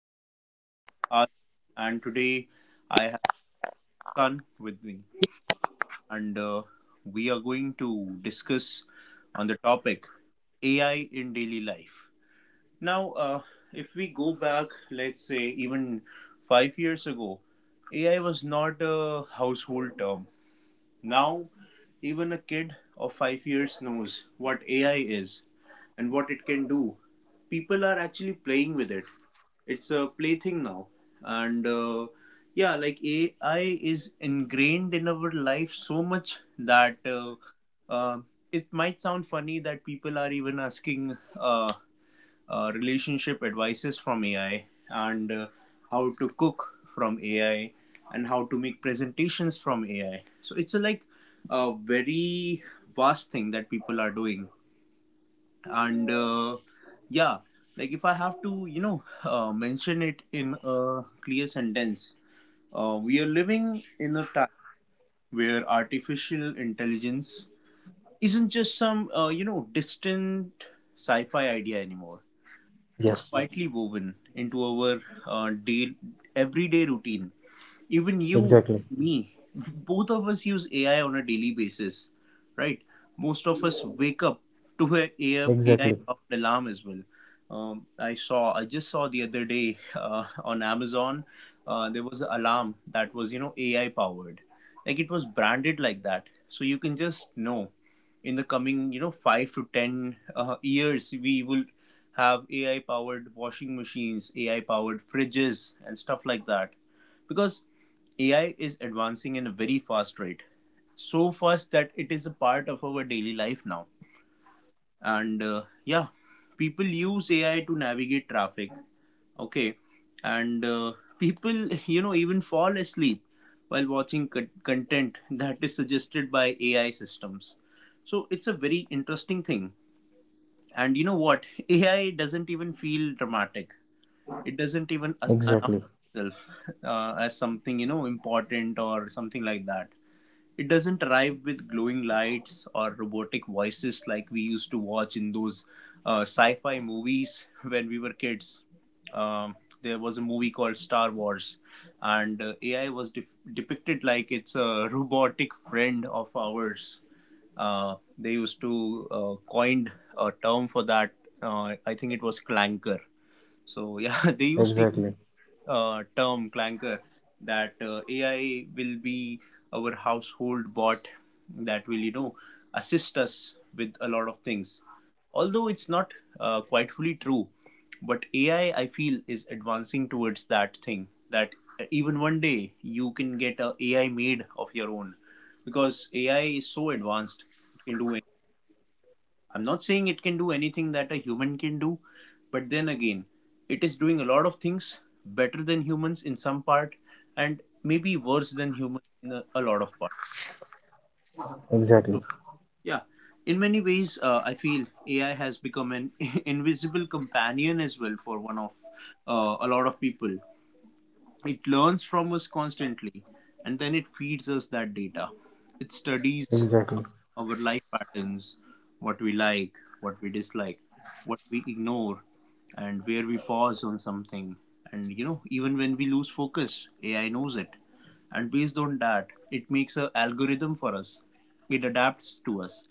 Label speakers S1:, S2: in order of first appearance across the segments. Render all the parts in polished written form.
S1: is your host, Adi, and today I have Sun with me, and we are going to discuss on the topic AI in daily life. Now, uh, if we go back, let's say even 5 years ago, AI was not a household term. Now, even a kid of 5 years knows what AI is and what it can do. People are actually playing with it. It's a plaything now, and yeah, like AI is ingrained in our life so much that uh, it might sound funny that people are even asking relationship advices from AI, and how to cook from AI, and how to make presentations from AI. So it's a like a very vast thing that people are doing, and yeah, like if I have to, you know, mention it in a clear sentence, we are living in a time where artificial intelligence isn't just some, you know, distant sci-fi idea anymore. It's
S2: Yes,
S1: quietly woven into our day everyday routine. Even you,
S2: exactly,
S1: me, both of us use AI on a daily basis, right? Most of us wake up to an a AI
S2: exactly,
S1: powered alarm as well. I just saw the other day on Amazon, there was an alarm that was, you know, AI powered. Like it was branded like that. So you can just know in the coming, you know, 5 to 10 years, we will have AI powered washing machines, AI powered fridges, and stuff like that, because AI is advancing in a very fast rate, so fast that it is a part of our daily life now. And yeah, people use AI to navigate traffic, okay? And people, you know, even fall asleep while watching content that is suggested by AI systems. So it's a very interesting thing. And you know what? AI doesn't even feel dramatic. It doesn't even announce
S2: exactly,
S1: itself as something, you know, important or something like that. It doesn't arrive with glowing lights or robotic voices like we used to watch in those sci fi movies when we were kids. Um, there was a movie called Star Wars, and AI was depicted like it's a robotic friend of ours. They used to coined a term for that. I think it was clanker. So yeah, they used to use
S2: exactly,
S1: term clanker that AI will be our household bot that will, you know, assist us with a lot of things. Although it's not quite fully true, but AI, I feel, is advancing towards that thing that even one day you can get a AI made of your own, because AI is so advanced it can do. I'm not saying it can do anything that a human can do, but then again, it is doing a lot of things better than humans in some part, and maybe worse than humans in a lot of parts. So,
S2: exactly,
S1: yeah, in many ways, I feel AI has become an invisible companion as well for one of, a lot of people. It learns from us constantly, and then it feeds us that data. It studies
S2: exactly,
S1: our life patterns, what we like, what we dislike, what we ignore, and where we pause on something. And, you know, even when we lose focus, AI knows it. And based on that, it makes an algorithm for us. It adapts to us.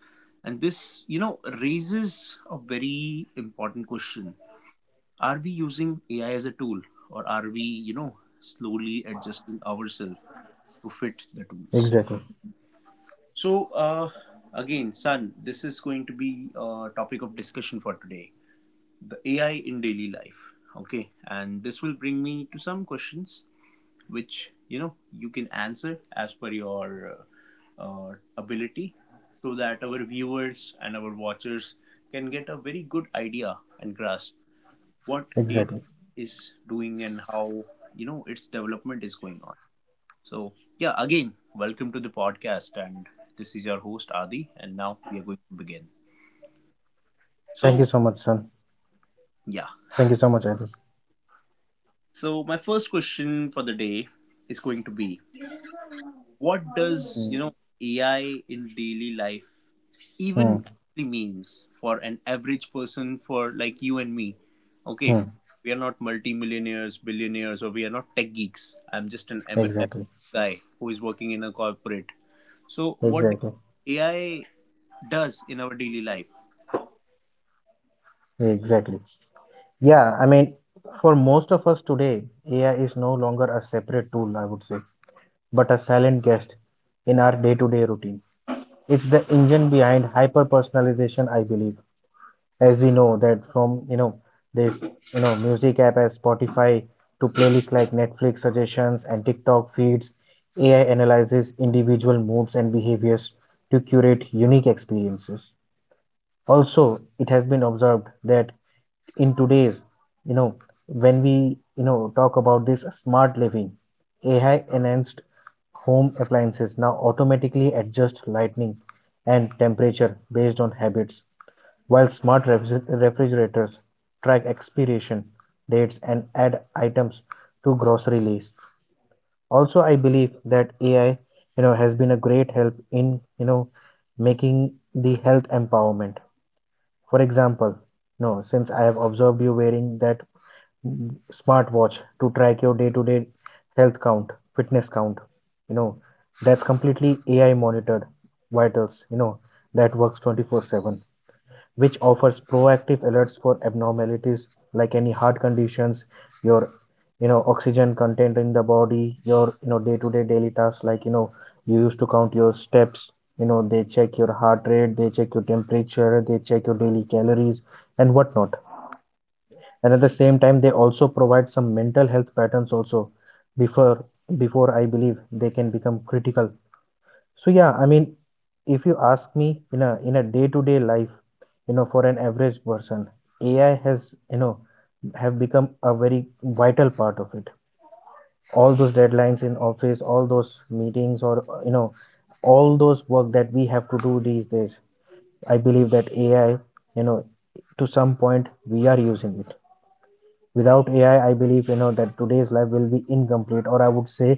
S1: And this, you know, raises a very important question. Are we using AI as a tool, or are we, you know, slowly adjusting ourselves to fit the tools?
S2: exactly,
S1: So, again, son, this is going to be a topic of discussion for today, the AI in daily life. Okay, and this will bring me to some questions which, you know, you can answer as per your ability, so that our viewers and our watchers can get a very good idea and grasp what AI
S2: exactly.
S1: is doing, and how, you know, its development is going on. So yeah, again, welcome to the podcast, and this is your host Adi, and now we are going to begin.
S2: Thank you
S1: So
S2: so much, son.
S1: yeah,
S2: Thank you so much, Abby.
S1: so my first question for the day is going to be, what does, you
S2: Mm,
S1: know, AI in daily life even
S2: mm,
S1: actually means for an average person, for like you and me? Okay,
S2: mm.
S1: we are not multi-millionaires, billionaires, or we are not tech geeks. I'm just an
S2: Exactly,
S1: average guy who is working in a corporate. So, what do
S2: exactly,
S1: you think AI does in our daily life?
S2: exactly. Yeah, I mean, for most of us today, AI is no longer a separate tool, I would say, but a silent guest in our day-to-day routine. It's the engine behind hyper-personalization, I believe. As we know, that from you know this, you know, music app as Spotify to playlists like Netflix suggestions and TikTok feeds, AI analyzes individual moods and behaviors to curate unique experiences. Also, it has been observed that in today's, you know, when we, you know, talk about this smart living, AI enhanced home appliances now automatically adjust lighting and temperature based on habits, while smart refrigerators track expiration dates and add items to grocery lists. Also, I believe that AI, you know, has been a great help in, you know, making the health empowerment. For example, no, since I have observed you wearing that, mm, smartwatch to track your day-to-day health count, fitness count, you know, that's completely AI monitored vitals, you know, that works 24/7, which offers proactive alerts for abnormalities like any heart conditions, your, you know, oxygen content in the body, your, you know, day-to-day daily tasks like, you know, you used to count your steps, you know, they check your heart rate, they check your temperature, they check your daily calories and whatnot. And at the same time, they also provide some mental health patterns also before before I believe they can become critical. So yeah, I mean, if you ask me in a day-to-day life, you know, for an average person, AI has, you know, have become a very vital part of it. All those deadlines in office, all those meetings, or, you know, all those work that we have to do these days, I believe that AI, you know, to some point we are using it. Without AI, I believe, you know, that today's life will be incomplete, or I would say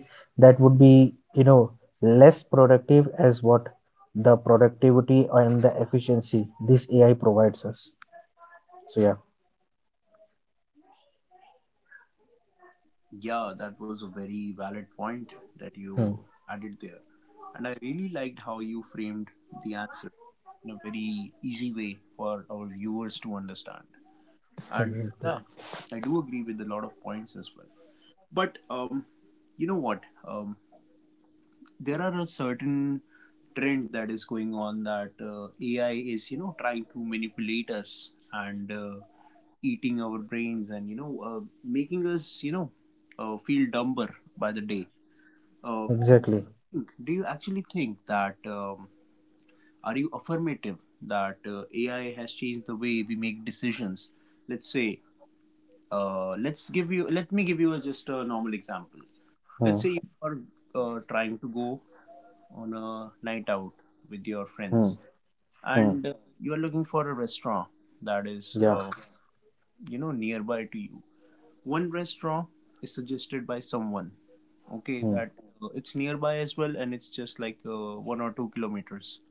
S2: that would be, you know, less productive as what the productivity and the efficiency this AI provides us. So yeah.
S1: Yeah, that was a very valid point that
S2: Hmm.
S1: you added there. And I really liked how you framed the answer in a very easy way for our viewers to understand. And
S2: Exactly,
S1: yeah, I do agree with a lot of points as well. But you know what? Um, there are a certain trend that is going on that AI is, you know, trying to manipulate us, and eating our brains, and, you know, making us, you know, feel dumber by the day. uh,
S2: exactly.
S1: do you actually think that, are you affirmative that AI has changed the way we make decisions? Let's say, let me give you just a normal example. Let's
S2: Hmm.
S1: say you are trying to go on a night out with your
S2: Hmm.
S1: friends,
S2: Hmm.
S1: and you are looking for a restaurant that is,
S2: Yeah.
S1: you know, nearby to you. One restaurant is suggested by someone, okay,
S2: Hmm.
S1: that it's nearby as well, and it's just like 1 or 2 kilometers.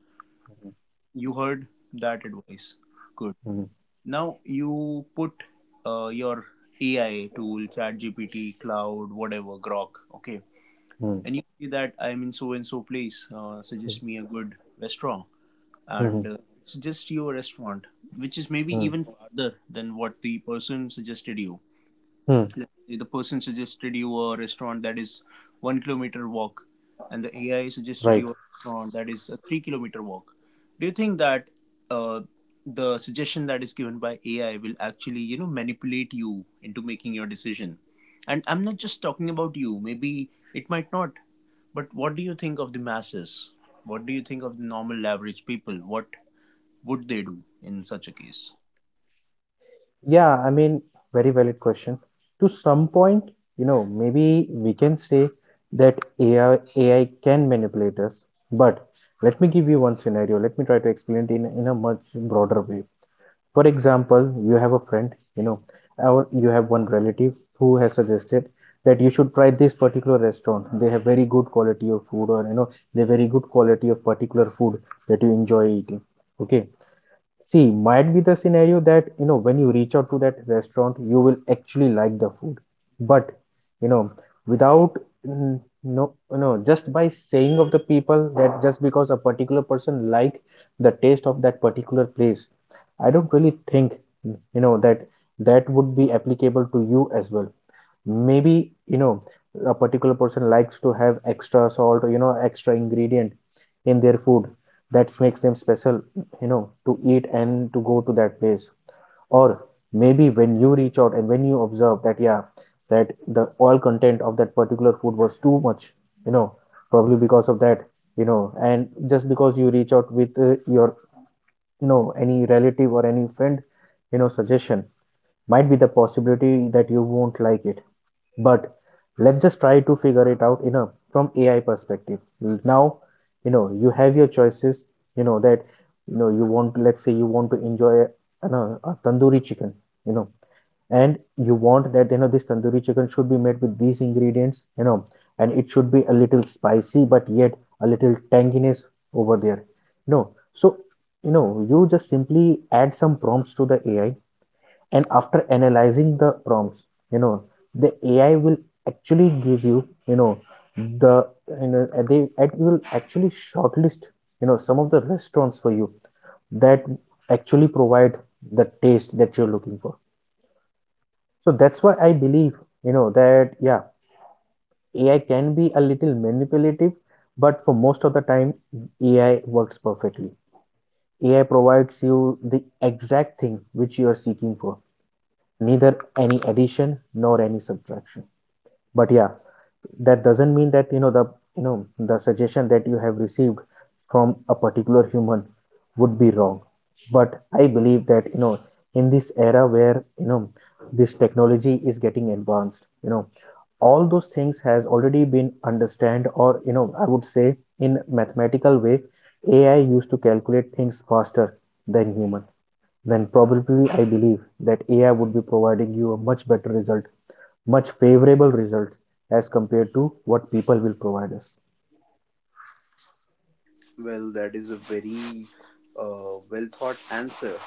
S1: You heard that advice, good.
S2: Hmm.
S1: Now you put, your AI tool, ChatGPT, cloud, whatever, grok, okay,
S2: Hmm.
S1: and you see that, I'm in so and so place,
S2: Hmm.
S1: suggest me a good restaurant,
S2: Hmm.
S1: and suggest you a restaurant which is maybe
S2: Hmm.
S1: even farther than what the person suggested you.
S2: Hmm.
S1: Let's say the person suggested you a restaurant that is 1 kilometer walk, and the AI
S2: Right.
S1: suggested you a restaurant that is a 3 kilometer walk. Do you think that uh, the suggestion that is given by AI will actually, you know, manipulate you into making your decision? And I'm not just talking about you, maybe it might not, but what do you think of the masses? What do you think of the normal average people? What would they do in such a case?
S2: Yeah, I mean, very valid question. To some point, you know, maybe we can say that AI can manipulate us, but let me give you one scenario. Let me try to explain it in a much broader way. For example, you have a friend, you know, or you have one relative who has suggested that you should try this particular restaurant. They have very good quality of food, or you know, they very good quality of particular food that you enjoy eating. Okay. See, might be the scenario that, you know, when you reach out to that restaurant, you will actually like the food. But, you know, without, mm, no, no, just by saying of the people that just because a particular person like the taste of that particular place, I don't really think, you know, that that would be applicable to you as well. Maybe, you know, a particular person likes to have extra salt, or you know, extra ingredient in their food that makes them special, you know, to eat and to go to that place. Or maybe when you reach out and when you observe that, yeah, that the oil content of that particular food was too much, you know, probably because of that, you know, and just because you reach out with your, you know, any relative or any friend, you know, suggestion, might be the possibility that you won't like it. But let's just try to figure it out in a, from AI perspective. Now, you know, you have your choices, you know, that you know you want, let's say you want to enjoy a, an, a tandoori chicken, you know, and you want that, you know, this tandoori chicken should be made with these ingredients, you know, and it should be a little spicy but yet a little tanginess over there. No, so, you know, you just simply add some prompts to the AI, and after analyzing the prompts, you know, the AI will actually give you, you know, the, you know, they, it will actually shortlist, you know, some of the restaurants for you that actually provide the taste that you're looking for. So that's why I believe, you know, that yeah, AI can be a little manipulative, but for most of the time, AI works perfectly. AI provides you the exact thing which you are seeking for, neither any addition nor any subtraction. But yeah, that doesn't mean that, you know, the, you know, the suggestion that you have received from a particular human would be wrong. But I believe that, you know, in this era where, you know, this technology is getting advanced, you know, all those things has already been understand, or you know, I would say, in mathematical way, AI used to calculate things faster than human, then probably I believe that AI would be providing you a much better result, much favorable result as compared to what people will provide us.
S1: Well, that is a very well thought answer.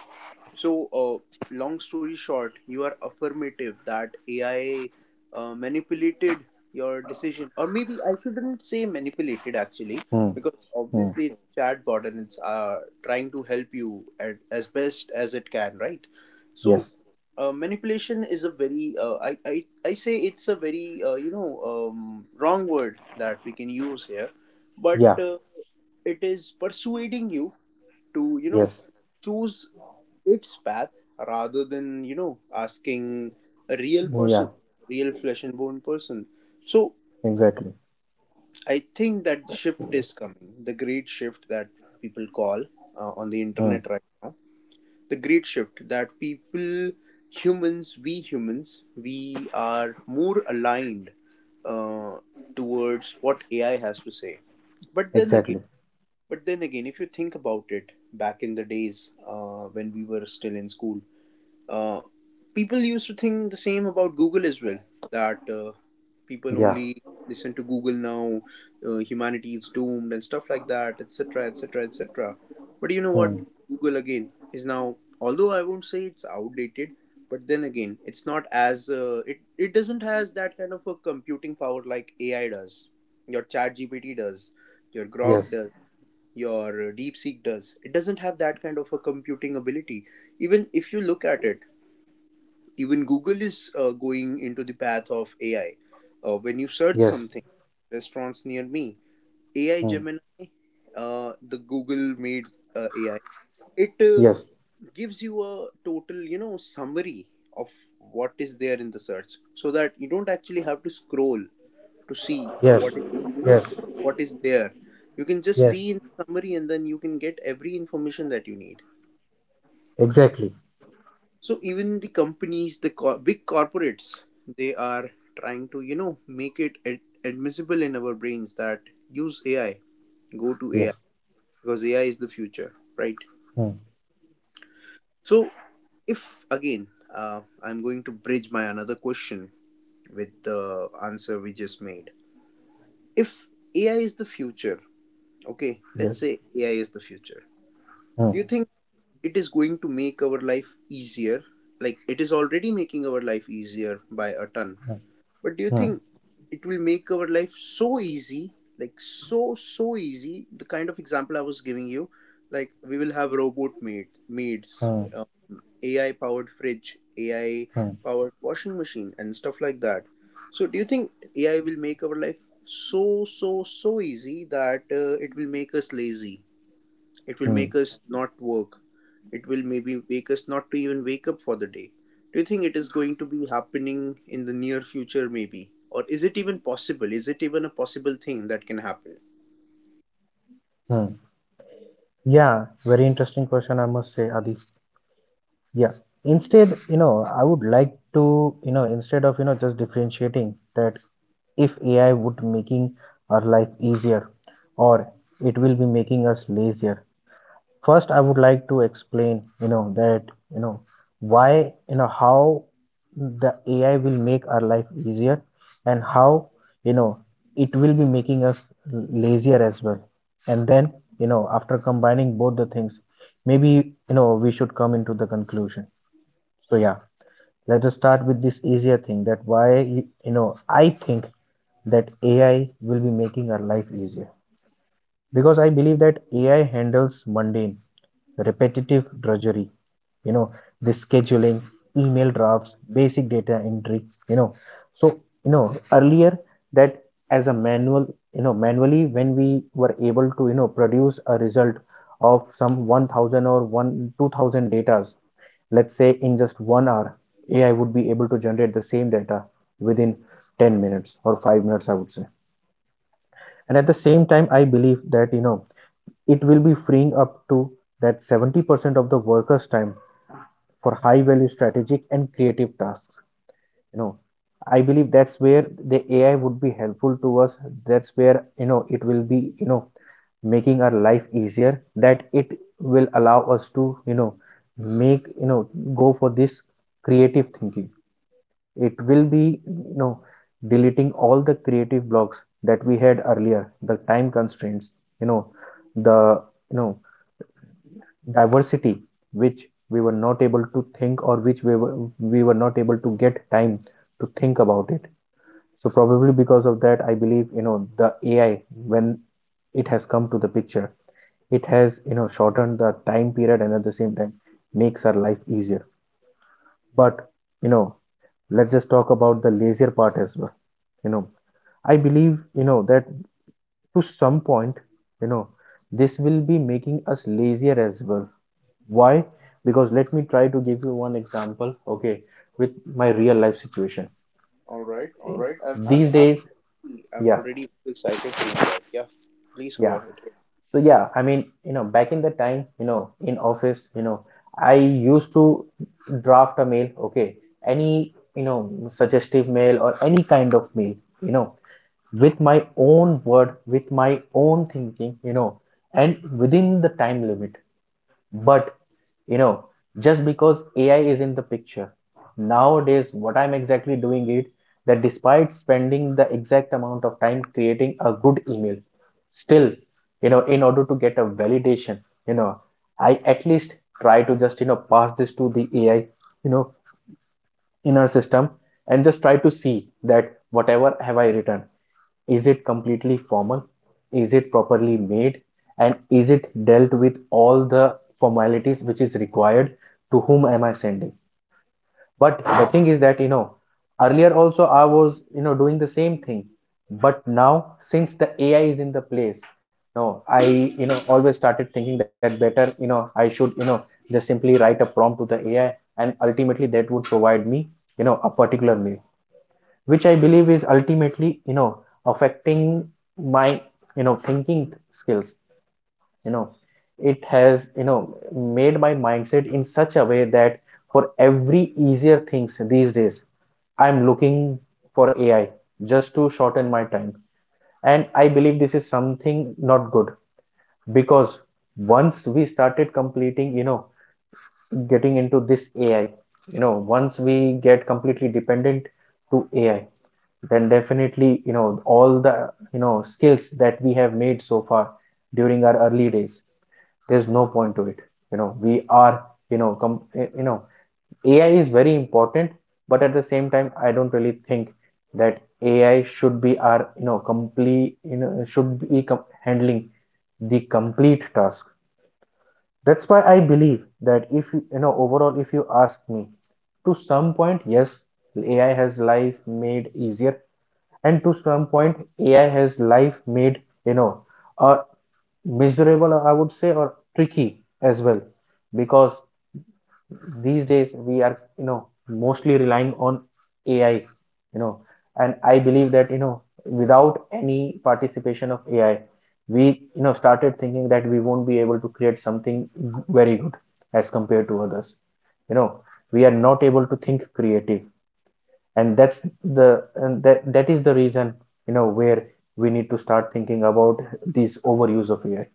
S1: So, long story short, you are affirmative that AI manipulated your decision. Or maybe I shouldn't say manipulated, actually,
S2: Hmm.
S1: because
S2: Hmm.
S1: obviously it's a chatbot, and it's trying to help you, as best as it can, right? So,
S2: Yes.
S1: manipulation is a very I say it's a very, you know, wrong word that we can use here, but
S2: Yeah.
S1: it is persuading you to, you know,
S2: Yes.
S1: choose its path, rather than, you know, asking a real
S2: Yeah.
S1: person, real flesh and bone person. So
S2: Exactly.
S1: I think that the shift is coming, the great shift that people call on the
S2: Hmm.
S1: internet right now, the great shift that people, humans, we humans, we are more aligned uh, towards what AI has to say. But then again,
S2: Exactly.
S1: if you think about it, back in the days when we were still in school, uh, people used to think the same about Google as well. That people
S2: Yeah.
S1: only listen to Google now, humanity is doomed, and stuff like that, etc., etc., etc. But you know what?
S2: Hmm.
S1: Google again is now, although I won't say it's outdated, but then again, it's not as it doesn't has that kind of a computing power like AI does, your ChatGPT does, your Grok
S2: Yes.
S1: does, your DeepSeek does. It doesn't have that kind of a computing ability. Even if you look at it, even Google is going into the path of AI. When you search
S2: Yes.
S1: something, restaurants near me, AI
S2: Hmm.
S1: Gemini, the Google made AI, it
S2: Yes.
S1: uh, gives you a total summary of what is there in the search, so that you don't actually have to scroll to see
S2: Yes.
S1: what is you know
S2: Yes.
S1: what is there. You can just
S2: Yes.
S1: see in summary, and then you can get every information that you need.
S2: Exactly.
S1: So even the companies, the big corporates, they are trying to make it admissible in our brains that use AI, go to AI,
S2: Yes.
S1: because AI is the future, right?
S2: Hmm.
S1: So if again, I'm going to bridge my another question with the answer we just made. If AI is the future, okay,
S2: Yes.
S1: let's say AI is the future,
S2: Hmm.
S1: do you think it is going to make our life easier? Like, it is already making our life easier by a ton,
S2: Hmm.
S1: but do you
S2: Hmm.
S1: think it will make our life so easy, like so so easy, the kind of example I was giving you, like we will have robot maids,
S2: Hmm.
S1: um, AI powered fridge, AI
S2: Hmm.
S1: powered washing machine and stuff like that. So do you think AI will make our life so so so easy that it will make us lazy, it will
S2: Hmm.
S1: make us not work. It will maybe make us not to even wake up for the day. Do you think it is going to be happening in the near future, maybe? Or is it even possible? Is it even a possible thing that can happen?
S2: Hmm. Yeah. Very interesting question, I must say, Adi. Yeah. Instead, you know, I would like to, you know, instead of, you know, just differentiating that if AI would making our life easier or it will be making us lazier. First, I would like to explain, you know, that, you know, why, you know, how the AI will make our life easier, and how, you know, it will be making us lazier as well. And then, you know, after combining both the things, maybe, you know, we should come into the conclusion. So yeah, let us start with this easier thing that why you know, I think that AI will be making our life easier, because I believe that AI handles mundane, repetitive drudgery, you know, the scheduling, email drafts, basic data entry, you know. So, you know, earlier that, as a manual, you know, manually when we were able to, you know, produce a result of some 1,000 or 1 2,000 datas, let's say in just 1 hour, AI would be able to generate the same data within 10 minutes or 5 minutes, I would say. And at the same time, I believe that, you know, it will be freeing up to that 70% of the workers' time for high value strategic and creative tasks. You know, I believe that's where the AI would be helpful to us. That's where, you know, it will be, you know, making our life easier, that it will allow us to, you know, make, you know, go for this creative thinking. It will be, you know, deleting all the creative blocks that we had earlier, the time constraints, you know, the, you know, diversity which we were not able to think, or which we were not able to get time to think about it. So probably because of that, I believe, you know, the AI, when it has come to the picture, it has, you know, shortened the time period, and at the same time makes our life easier. But, you know, let's just talk about the lazier part as well. You know, I believe, you know, that to some point, you know, this will be making us lazier as well. Why? Because let me try to give you one example, okay, with my real life situation.
S1: All right, all right.
S2: These days,
S1: I'm
S2: yeah,
S1: already excited to hear that. Yeah, please go
S2: yeah.
S1: ahead.
S2: So yeah, I mean, you know, back in the time, you know, in office, you know, I used to draft a mail, okay, any, you know, suggestive mail or any kind of mail, you know, with my own word, with my own thinking, you know, and within the time limit. But you know, just because AI is in the picture nowadays, what I'm exactly doing it, that despite spending the exact amount of time creating a good email, still, you know, in order to get a validation, you know, I at least try to just, you know, pass this to the AI, you know, in our system, and just try to see that whatever have I written, is it completely formal? Is it properly made? And is it dealt with all the formalities which is required? To whom am I sending? But the thing is that, you know, earlier also I was, you know, doing the same thing. But now, since the AI is in the place, no, I always started thinking that better I should just simply write a prompt to the AI and ultimately that would provide me a particular mail which I believe is ultimately affecting my thinking skills. You know, it has, made my mindset in such a way that for every easier things these days, I'm looking for AI just to shorten my time. And I believe this is something not good because once we started getting into this AI, once we get completely dependent to AI, then definitely all the skills that we have made so far during our early days, there's no point to it. You know, we are, you know, com- eh, you know, AI is very important, but at the same time, I don't really think that AI should be our, you know, complete, you know, should be handling the complete task. That's why I believe that if you, you know, overall, if you ask me, to some point, yes, AI has life made easier, and to some point AI has life made you know uh, miserable I would say, or tricky as well, because these days we are you know mostly relying on AI, and I believe that without any participation of AI, we started thinking that we won't be able to create something very good as compared to others. you know we are not able to think creative, and that is the reason where we need to start thinking about this overuse of AI.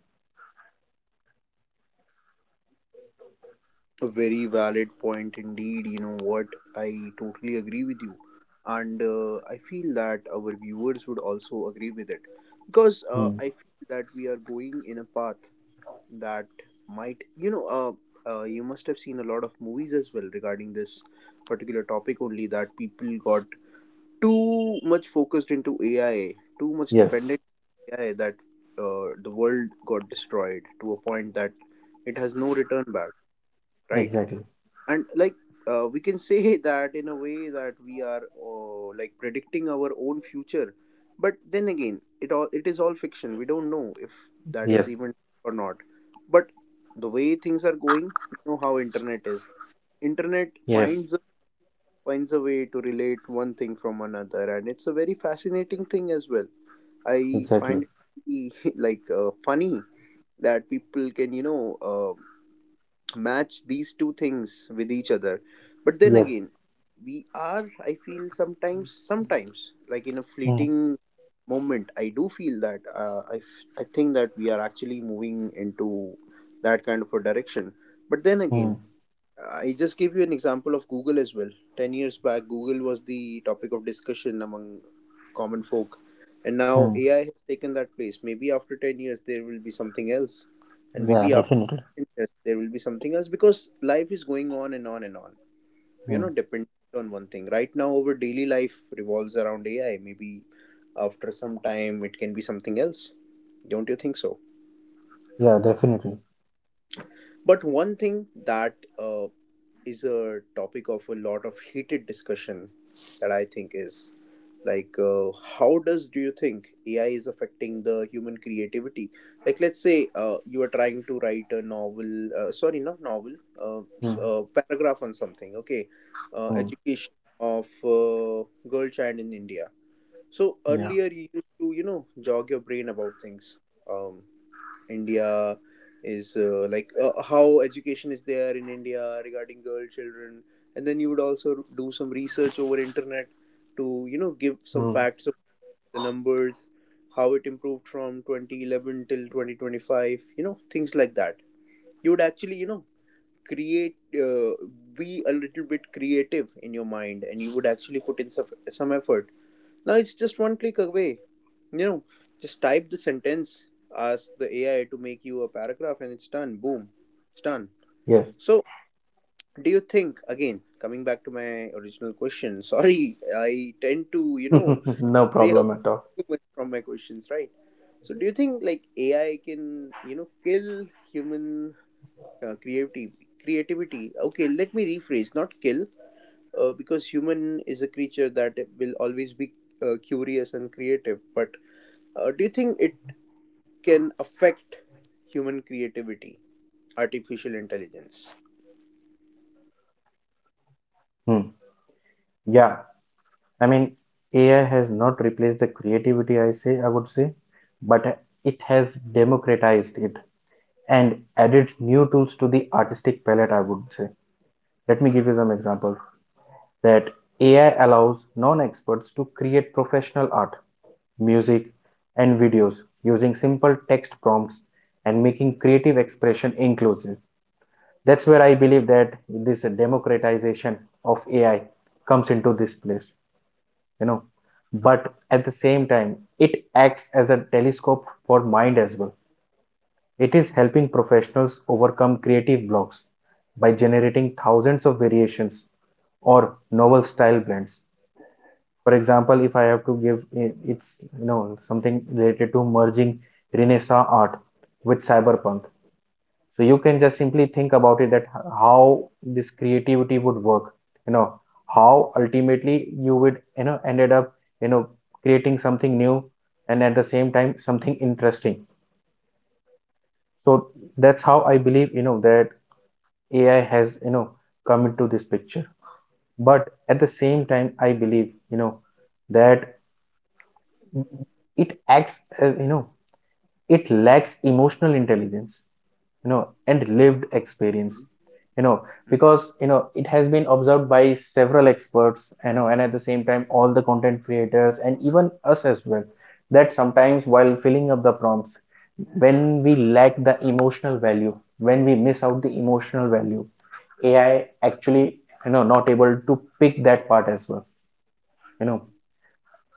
S1: A very valid point indeed. You know what? I totally agree with you. And I feel that our viewers would also agree with it. Because
S2: Hmm.
S1: I feel that we are going in a path that might you must have seen a lot of movies as well regarding this particular topic only, that people got too much focused into AI, too much
S2: Yes,
S1: dependent on AI, that the world got destroyed to a point that it has no return back, right?
S2: exactly.
S1: And like, we can say that in a way that we are like predicting our own future, but then again, it is all fiction. We don't know if that is
S2: Yes,
S1: even or not. But the way things are going, you know how internet is. Internet
S2: yes,
S1: finds a, finds a way to relate one thing from another, and it's a very fascinating thing as well, I
S2: exactly.
S1: find it. Like, funny that people can match these two things with each other. But then
S2: Yes.
S1: again, we are, I feel sometimes, like in a
S2: Hmm.
S1: fleeting moment, I do feel that I think that we are actually moving into that kind of a direction. But then
S2: Hmm.
S1: again, I just gave you an example of Google as well. 10 years back, Google was the topic of discussion among common folk. And now
S2: Hmm.
S1: AI has taken that place. Maybe after 10 years, there will be something else. And
S2: Yeah,
S1: maybe after
S2: definitely.
S1: 10 years, there will be something else, because life is going on and on and on. We
S2: Hmm.
S1: are not dependent on one thing. Right now, our daily life revolves around AI. Maybe after some time, it can be something else. Don't you think so?
S2: Yeah, definitely.
S1: But one thing that is a topic of a lot of heated discussion, that I think is like, how does do you think AI is affecting the human creativity? Like, let's say you are trying to write a novel sorry, not novel,
S2: Hmm.
S1: paragraph on something, okay?
S2: Hmm.
S1: Education of uh, girl child in India. So
S2: Yeah.
S1: earlier you used to, you know, jog your brain about things. um, India is like, how education is there in India regarding girl children, and then you would also do some research over internet to, you know, give some
S2: Hmm.
S1: facts of the numbers, how it improved from 2011 till 2025, you know, things like that. You would actually, you know, create be a little bit creative in your mind, and you would actually put in some effort. Now it's just one click away, you know, just type the sentence, ask the AI to make you a paragraph, and it's done. Boom, it's done.
S2: Yes.
S1: So, do you think, again, coming back to my original question, sorry, I tend to, you know,
S2: No
S1: stray
S2: problem
S1: away
S2: at all.
S1: too much from my questions, right? So, do you think like AI can, you know, kill human creativity? Creativity. Okay, let me rephrase. Not kill, because human is a creature that will always be curious and creative. But do you think it can affect human creativity, artificial intelligence?
S2: Hmm. Yeah. I mean, AI has not replaced the creativity, I would say, but it has democratized it, and added new tools to the artistic palette, I would say. Let me give you some examples. That AI allows non experts to create professional art, music, and videos using simple text prompts and making creative expression inclusive. That's where I believe that this democratization of AI comes into this place, you know. But at the same time, it acts as a telescope for mind as well. It is helping professionals overcome creative blocks by generating thousands of variations or novel style blends. For example, if I have to give, it's something related to merging Renaissance art with cyberpunk. So you can just simply think about it, that how this creativity would work, you know, how ultimately you would ended up you know creating something new and at the same time something interesting. So that's how I believe that AI has, come into this picture. But at the same
S1: Yeah.
S2: time, I believe that it acts as, it lacks emotional intelligence, and lived experience,
S1: Mhm.
S2: you know,
S1: Mm.
S2: because, you know, it has been observed by several experts, and at the same time, all the content creators and even us as well, that sometimes while filling up the prompts, when we lack the emotional value, when we miss out the emotional value, AI actually, not able to pick that part as well. You know,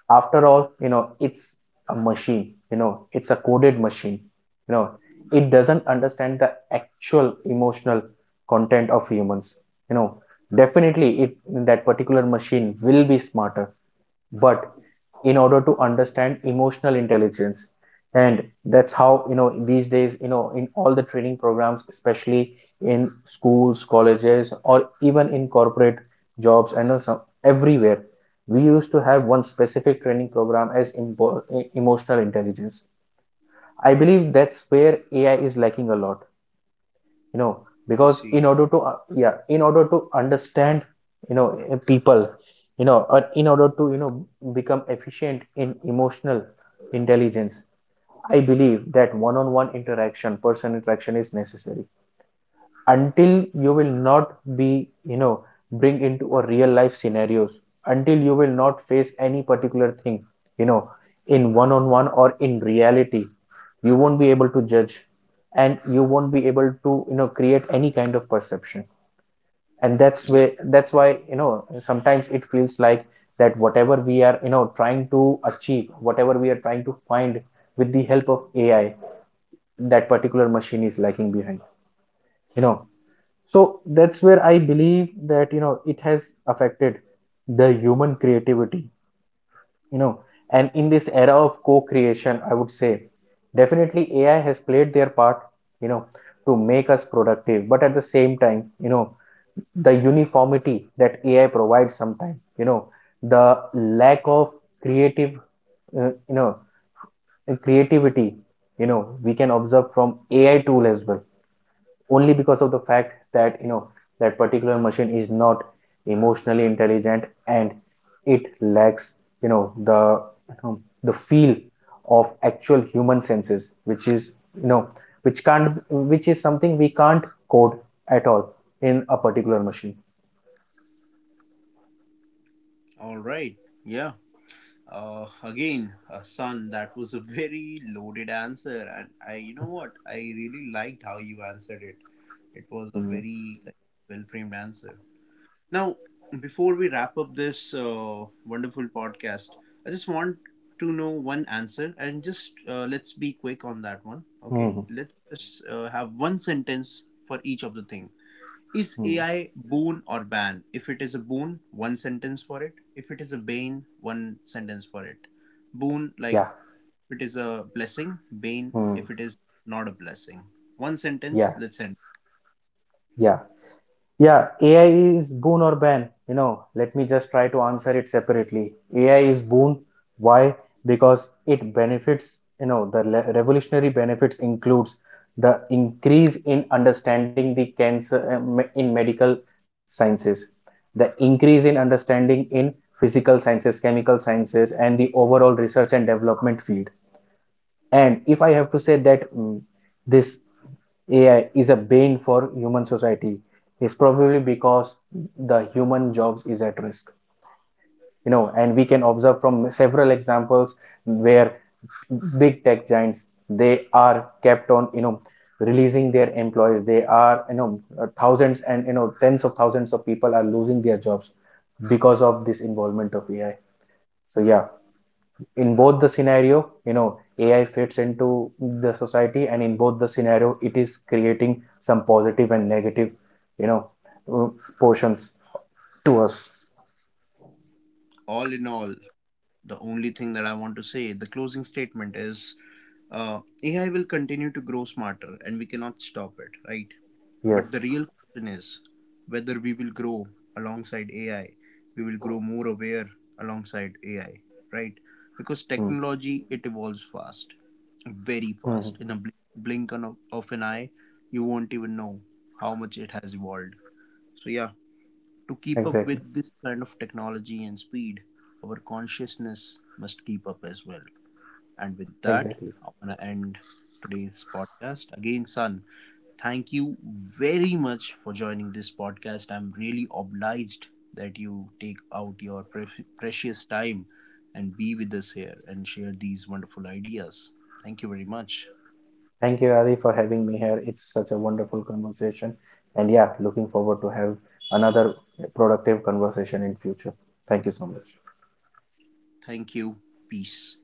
S2: after all, it's a machine, it's a coded machine. You know, it doesn't understand the actual emotional content of humans. You know, Definitely, it, that particular machine will be smarter, but in order to understand emotional intelligence, and that's how these days in all the training programs, especially in schools, colleges, or even in corporate jobs and also everywhere, we used to have one specific training program as emotional intelligence. I believe that's where AI is lacking a lot, you know
S1: I
S2: because in
S1: see.
S2: order to yeah, in order to understand people, or in order to become efficient in emotional intelligence, I believe that one on one interaction, person interaction is necessary. Until you will not be bring into a real life scenarios, until you will not face any particular thing, you know in one on one or in reality, you won't be able to judge, and you won't be able to create any kind of perception. And
S1: Yep.
S2: that's why sometimes it feels like that whatever we are trying to achieve, whatever we are trying to find with the help of AI, that particular machine is lagging behind, you know so that's where I believe that it has affected the human creativity, you know and in this era of co-creation, I would say, definitely AI has played their part, you know to make us productive, but at the same time the uniformity that AI provides sometimes, the lack of creative uh, you know creativity, we can observe from AI tool as well, only because of the fact that that particular machine is not emotionally intelligent, and it lacks you know the the feel of actual human senses, which is you know which can't which is something we can't code at all in a particular machine.
S1: All right. Yeah. Uh, again, son, that was a very loaded answer, and I, you know what, I really liked how you answered it. It was a
S2: Mhm.
S1: very like well framed answer. Now, before we wrap up this wonderful podcast, I just want to know one answer, and just let's be quick on that one. Okay,
S2: Mhm.
S1: let's just have one sentence for each of the thing. Is
S2: Mhm.
S1: AI boon or ban? If it is a boon, one sentence for it. If it is a bane, one sentence for it. Boon, like,
S2: Yeah.
S1: if it is a blessing, bane,
S2: Mhm.
S1: if it is not a blessing. One sentence,
S2: Yeah.
S1: let's end.
S2: Yeah. Yeah, AI is boon or ban? Let me just try to answer it separately. AI is boon. Why? Because it benefits, the revolutionary benefits includes the increase in understanding the cancer, in medical sciences, the increase in understanding in physical sciences, chemical sciences, and the overall research and development field. And if I have to say that this AI is a bane for human society is probably because the human jobs is at risk. And we can observe from several examples where big tech giants, they are kept on releasing their employees. They are thousands and tens of thousands of people are losing their jobs because of this involvement of AI. So yeah, in both the scenario, AI fits into the society, and in both the scenario, it is creating some positive and negative, you know, uh, portions to us.
S1: All in all, the only thing that I want to say, the closing statement is, AI will continue to grow smarter and we cannot stop it, right?
S2: Yes.
S1: But the real question is whether we will grow alongside AI, we will grow more aware alongside AI, right? Because
S2: Mm.
S1: technology, it evolves fast, very fast.
S2: Mhm.
S1: In a blink of an eye, you won't even know how much it has evolved. So, yeah, to keep up
S2: Exactly.
S1: with this kind of technology and speed, our consciousness must keep up as well. And with that,
S2: Exactly.
S1: I want to end today's podcast. Again, son, thank you very much for joining this podcast. I'm really obliged that you take out your precious time and be with us here and share these wonderful ideas. Thank you very much.
S2: Thank you, Adi, for having me here. It's such a wonderful conversation, and yeah, looking forward to have another productive conversation in future. Thank you so much.
S1: Thank you. Peace.